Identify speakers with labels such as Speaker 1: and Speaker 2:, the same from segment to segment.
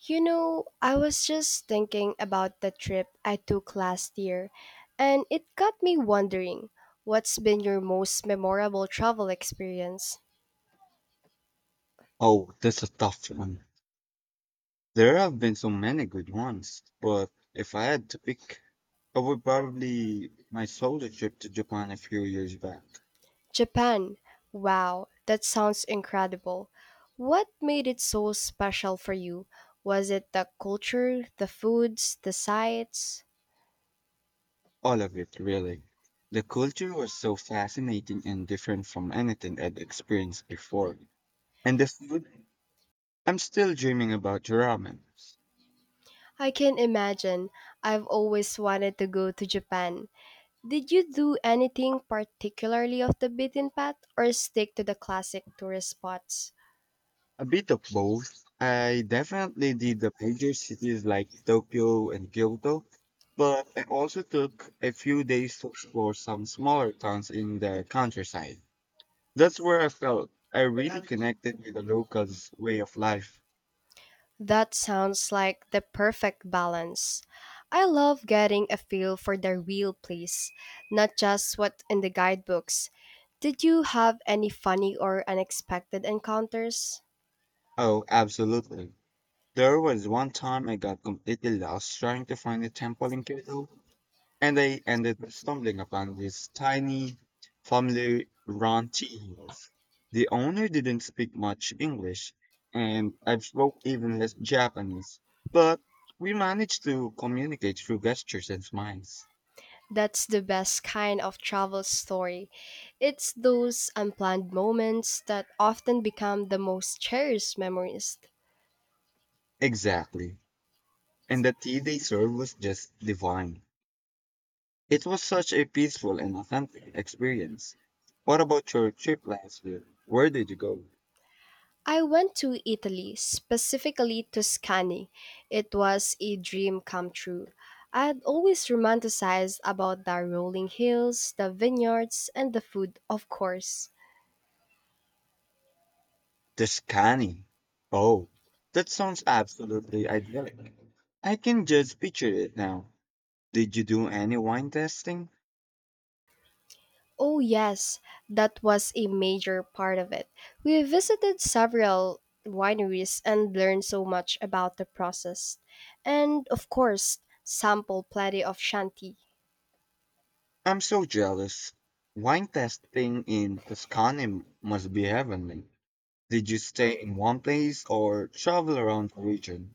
Speaker 1: You know, I was just thinking about the trip I took last year, and it got me wondering what's been your most memorable travel experience?
Speaker 2: Oh, that's a tough one. There have been so many good ones, but if I had to pick, I would probably my solo trip to Japan a few years back.
Speaker 1: Japan. Wow, that sounds incredible. What made it so special for you? Was it the culture, the foods, the sights?
Speaker 2: All of it, really. The culture was so fascinating and different from anything I'd experienced before. And the food, I'm still dreaming about ramen.
Speaker 1: I can imagine. I've always wanted to go to Japan. Did you do anything particularly off the beaten path or stick to the classic tourist spots?
Speaker 2: A bit of both. I definitely did the major cities like Tokyo and Kyoto, but I also took a few days to explore some smaller towns in the countryside. That's where I felt I really connected with the locals' way of life.
Speaker 1: That sounds like the perfect balance. I love getting a feel for the real place, not just what in the guidebooks. Did you have any funny or unexpected encounters?
Speaker 2: Oh, absolutely. There was one time I got completely lost trying to find a temple in Kyoto, and I ended up stumbling upon this tiny family run tea house. The owner didn't speak much English, and I spoke even less Japanese, but we managed to communicate through gestures and smiles.
Speaker 1: That's the best kind of travel story. It's those unplanned moments that often become the most cherished memories.
Speaker 2: Exactly. And the tea they served was just divine. It was such a peaceful and authentic experience. What about your trip last year? Where did you go?
Speaker 1: I went to Italy, specifically Tuscany. It was a dream come true. I had always romanticized about the rolling hills, the vineyards, and the food, of course.
Speaker 2: The scanning. Oh, that sounds absolutely idyllic. I can just picture it now. Did you do any wine testing?
Speaker 1: Oh, yes, that was a major part of it. We visited several wineries and learned so much about the process. And, of course, sample plenty of shanty.
Speaker 2: I'm so jealous. Wine testing in Tuscany must be heavenly. Did you stay in one place or travel around the region?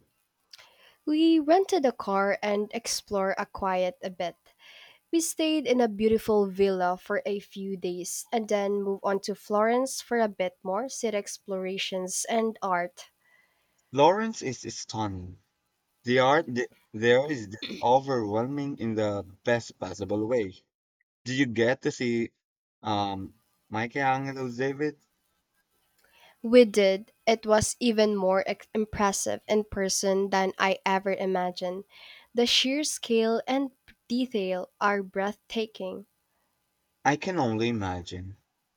Speaker 1: We rented a car and explored a quiet a bit. We stayed in a beautiful villa for a few days and then moved on to Florence for a bit more city explorations and art.
Speaker 2: Florence is stunning. The there is just overwhelming in the best possible way. Do you get to see um Michelangelo David?
Speaker 1: We did. It was even more impressive in person than I ever imagined. The sheer scale and detail are breathtaking.
Speaker 2: I can only imagine.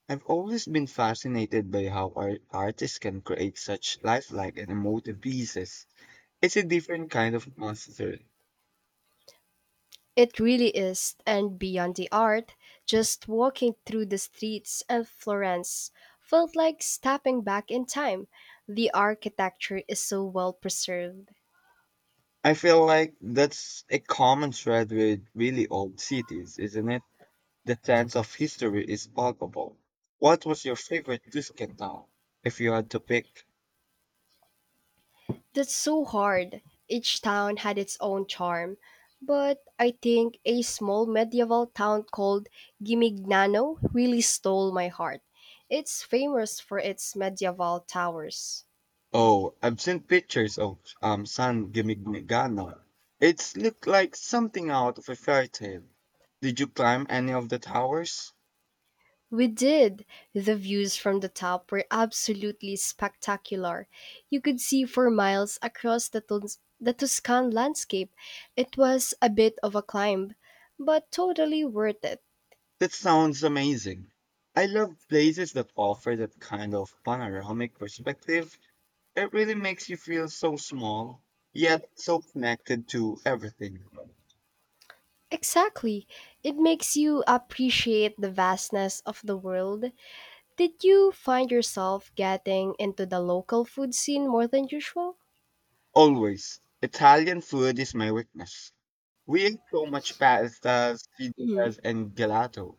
Speaker 2: I've always been fascinated by how artists can create such lifelike and emotive pieces. It's a different kind of monster.
Speaker 1: It really is. And beyond the art, just walking through the streets of Florence felt like stepping back in time. The architecture is so well preserved.
Speaker 2: I feel like that's a common thread with really old cities, isn't it? The sense of history is palpable. What was your favorite Tuscan town, if you had to pick?
Speaker 1: That's so hard. Each town had its own charm. But I think a small medieval town called Gimignano really stole my heart. It's famous for its medieval towers.
Speaker 2: Oh, I've seen pictures of San Gimignano. It's looked like something out of a fairy tale. Did you climb any of the towers?
Speaker 1: We did! The views from the top were absolutely spectacular. You could see for miles across the Tuscan landscape. It was a bit of a climb, but totally worth it.
Speaker 2: That sounds amazing. I love places that offer that kind of panoramic perspective. It really makes you feel so small, yet so connected to everything.
Speaker 1: Exactly. It makes you appreciate the vastness of the world. Did you find yourself getting into the local food scene more than usual?
Speaker 2: Always. Italian food is my weakness. We ate so much pastas,
Speaker 1: Mm.
Speaker 2: pizzas, and gelato.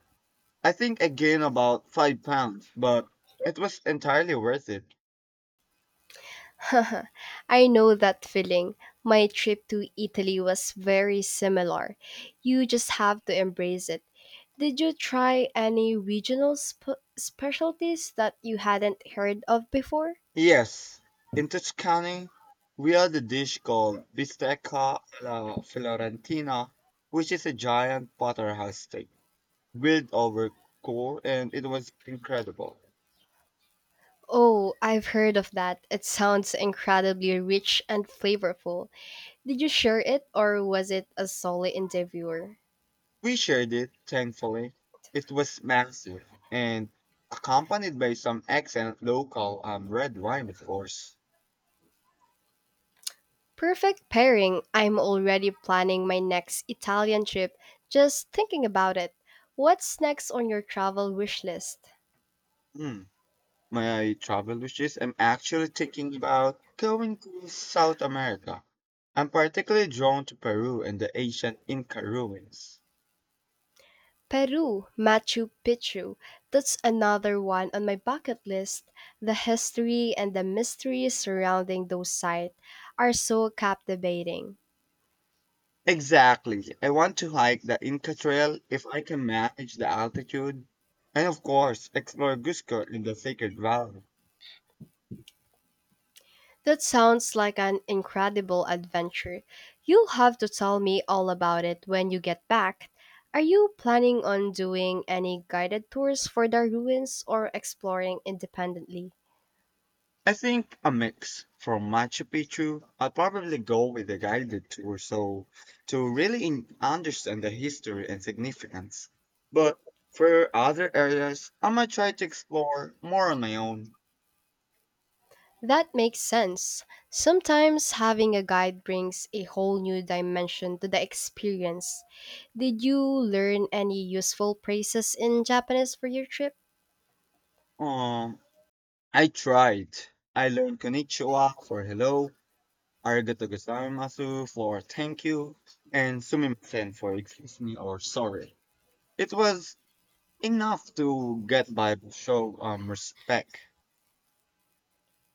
Speaker 2: I think I gained about 5 pounds, but it was entirely worth it.
Speaker 1: I know that feeling. My trip to Italy was very similar. You just have to embrace it. Did you try any regional specialties that you hadn't heard of before?
Speaker 2: Yes, in Tuscany, we had a dish called bistecca alla Fiorentina, which is a giant porterhouse steak grilled over core, and it was incredible.
Speaker 1: Oh, I've heard of that. It sounds incredibly rich and flavorful. Did you share it or was it a solo interviewer?
Speaker 2: We shared it, thankfully. It was massive and accompanied by some excellent local red wine, of course.
Speaker 1: Perfect pairing. I'm already planning my next Italian trip just thinking about it. What's next on your travel wish list?
Speaker 2: Mm. My travel wishes, I'm actually thinking about going to South America. I'm particularly drawn to Peru and the ancient Inca ruins.
Speaker 1: Peru, Machu Picchu. That's another one on my bucket list. The history and the mystery surrounding those sites are so captivating.
Speaker 2: Exactly. I want to hike the Inca Trail if I can manage the altitude, and of course, explore Cusco in the Sacred Valley.
Speaker 1: That sounds like an incredible adventure. You'll have to tell me all about it when you get back. Are you planning on doing any guided tours for the ruins or exploring independently?
Speaker 2: I think a mix from Machu Picchu. I'll probably go with a guided tour so to really understand the history and significance. But for other areas, I might try to explore more on my own.
Speaker 1: That makes sense. Sometimes having a guide brings a whole new dimension to the experience. Did you learn any useful phrases in Japanese for your trip?
Speaker 2: Um, I tried. I learned konnichiwa for hello, arigato gozaimasu for thank you, and sumimasen for excuse me or sorry. It was enough to get by show respect.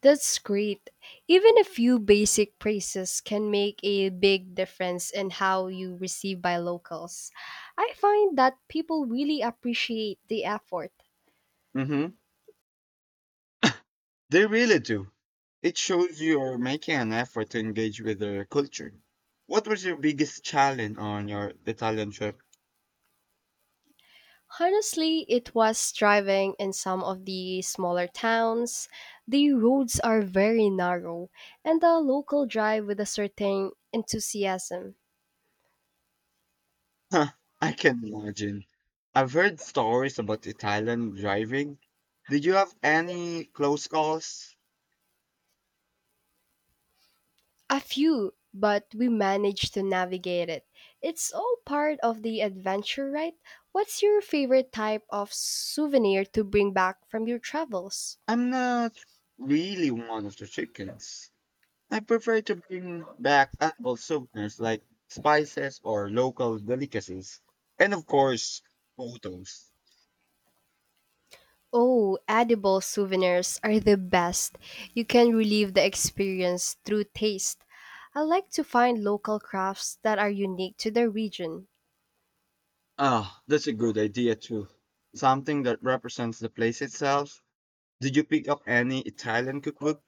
Speaker 1: That's great. Even a few basic praises can make a big difference in how you receive by locals. I find that people really appreciate the effort.
Speaker 2: Mm-hmm. They really do. It shows you're making an effort to engage with their culture. What was your biggest challenge on your Italian trip?
Speaker 1: Honestly, it was driving in some of the smaller towns. The roads are very narrow, and the local drive with a certain enthusiasm.
Speaker 2: Huh, I can imagine. I've heard stories about Italian driving. Did you have any close calls?
Speaker 1: A few, but we managed to navigate it. It's all part of the adventure, right? What's your favorite type of souvenir to bring back from your travels?
Speaker 2: I'm not really one of the chickens. I prefer to bring back edible souvenirs like spices or local delicacies. And of course, photos.
Speaker 1: Oh, edible souvenirs are the best. You can relive the experience through taste. I like to find local crafts that are unique to the region.
Speaker 2: Ah, that's a good idea too. Something that represents the place itself. Did you pick up any Italian cookbook?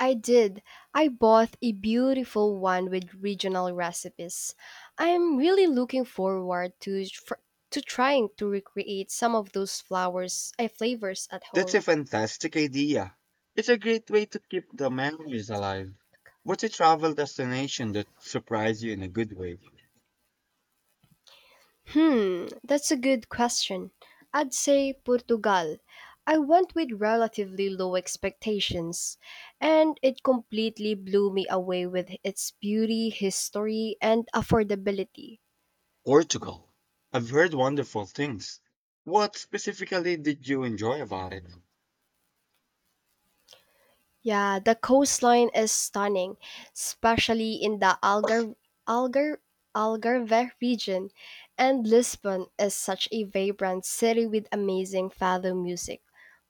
Speaker 1: I did. I bought a beautiful one with regional recipes. I'm really looking forward to to trying to recreate some of those flavors at
Speaker 2: That's a
Speaker 1: home.
Speaker 2: fantastic idea. It's a great way to keep the memories alive. What's a travel destination that surprised you in a good way?
Speaker 1: Hmm, that's a good question. I'd say Portugal. I went with relatively low expectations, and it completely blew me away with its beauty, history, and affordability.
Speaker 2: Portugal. I've heard wonderful things. What specifically did you enjoy about it?
Speaker 1: Yeah, the coastline is stunning, especially in the Algar Algarve region, and Lisbon is such a vibrant city with amazing fado music.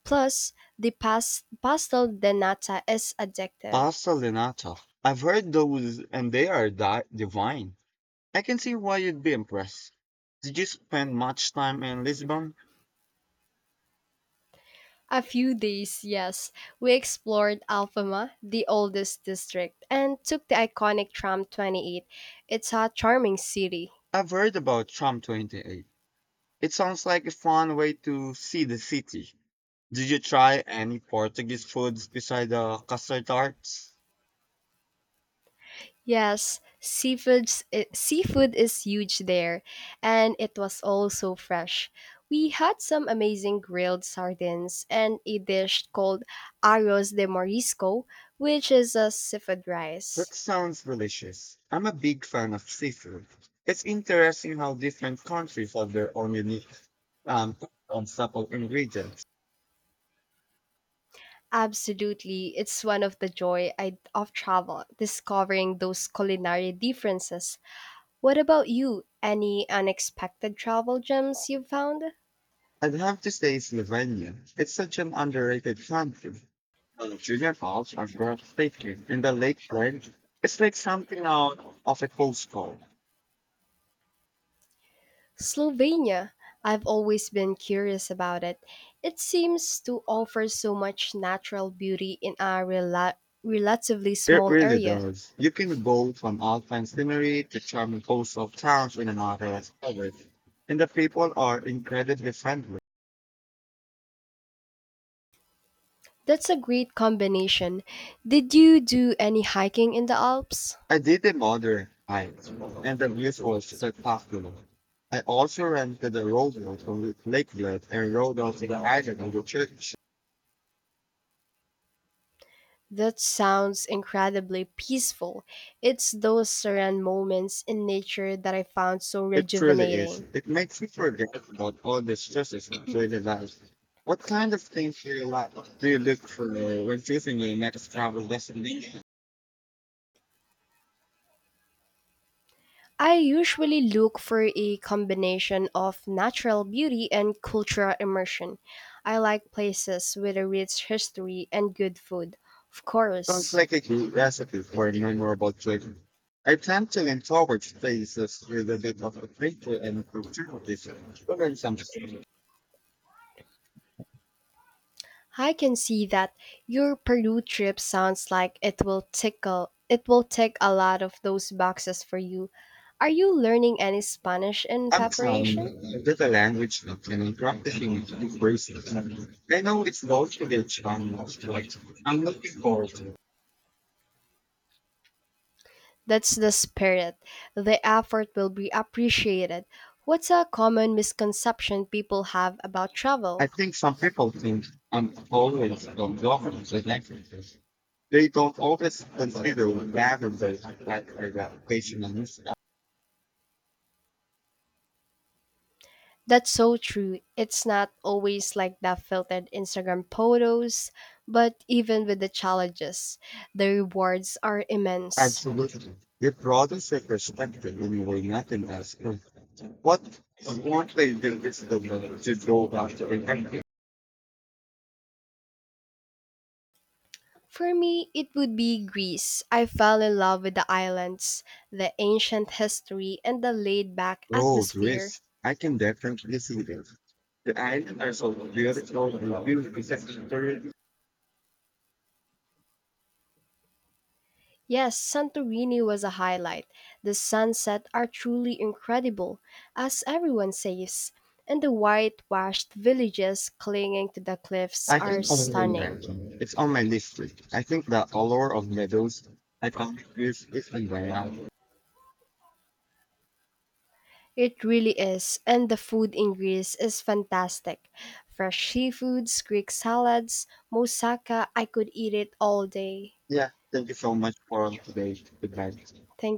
Speaker 1: Plus, the pastel de nata is addictive.
Speaker 2: Pasta linata. I've heard those and they are divine. I can see why you'd be impressed. Did you spend much time in Lisbon?
Speaker 1: A few days, yes, we explored Alfama, the oldest district, and took the iconic tram 28. It's a charming city.
Speaker 2: I've heard about Tram 28. It sounds like a fun way to see the city. Did you try any Portuguese foods besides the custard tarts?
Speaker 1: Yes, seafood is huge there, and it was all so fresh. We had some amazing grilled sardines and a dish called arroz de marisco, which is a seafood
Speaker 2: That
Speaker 1: rice.
Speaker 2: sounds delicious. I'm a big fan of seafood. It's interesting how different countries have their own unique um, on supple ingredients.
Speaker 1: Absolutely, it's one of the of travel, discovering those culinary differences. What about you? Any unexpected travel gems you've found?
Speaker 2: I'd have to say Slovenia. It's such an underrated country. Junior college are breathtaking in the lakefront. It's like something out of a postcard.
Speaker 1: Slovenia. I've always been curious about it. It seems to offer so much natural beauty in a relatively
Speaker 2: It
Speaker 1: small
Speaker 2: really
Speaker 1: area.
Speaker 2: does. You can go from alpine scenery to charming coastal towns in another hour. Of covered, and the people are incredibly friendly.
Speaker 1: That's a great combination. Did you do any hiking in the Alps?
Speaker 2: I did a modern hike, and the views were spectacular. I also rented a rowboat from Lake Lakelet and rowed out to the island of the church.
Speaker 1: That sounds incredibly peaceful. It's those serene moments in nature that I found so
Speaker 2: It truly is.
Speaker 1: rejuvenating.
Speaker 2: It makes you forget about all the stresses of daily life. What kind of things do you like? Do you look for when choosing your next travel destination?
Speaker 1: I usually look for a combination of natural beauty and cultural immersion. I like places with a rich history and good food, of
Speaker 2: Sounds
Speaker 1: course.
Speaker 2: like a good recipe for a memorable trip. I tend to lean towards places with a bit of adventure and opportunities to learn something.
Speaker 1: I can see that your Peru trip sounds like it will tick a lot of those boxes for you. Are you learning any Spanish in
Speaker 2: I'm trying
Speaker 1: preparation?
Speaker 2: a the language and practicing the phrases. I know it's both to be a challenge, but I'm looking forward to it.
Speaker 1: That's the spirit. The effort will be appreciated. What's a common misconception people have about travel?
Speaker 2: I think some people think I'm always on government elections. They don't always consider government like education and stuff.
Speaker 1: That's so true. It's not always like the filtered Instagram photos, but even with the challenges, the rewards are immense.
Speaker 2: Absolutely. It broadens your perspective in a way nothing else could. What won't they do is the way to go after protecting?
Speaker 1: For me, it would be Greece. I fell in love with the islands, the ancient history, and the laid back
Speaker 2: Oh,
Speaker 1: atmosphere.
Speaker 2: Greece. I can definitely see that. The islands are so beautiful and beautiful.
Speaker 1: Yes, Santorini was a highlight. The sunsets are truly incredible, as everyone says, and the whitewashed villages clinging to the cliffs
Speaker 2: I
Speaker 1: are
Speaker 2: can only
Speaker 1: stunning.
Speaker 2: imagine. It's on my list. Like, I think the allure of meadows I found this is unbearable.
Speaker 1: It really is, and the food in Greece is fantastic. Fresh seafoods, Greek salads, moussaka, I could eat it all day.
Speaker 2: Yeah, thank you so much for today. Goodbye.
Speaker 1: Thank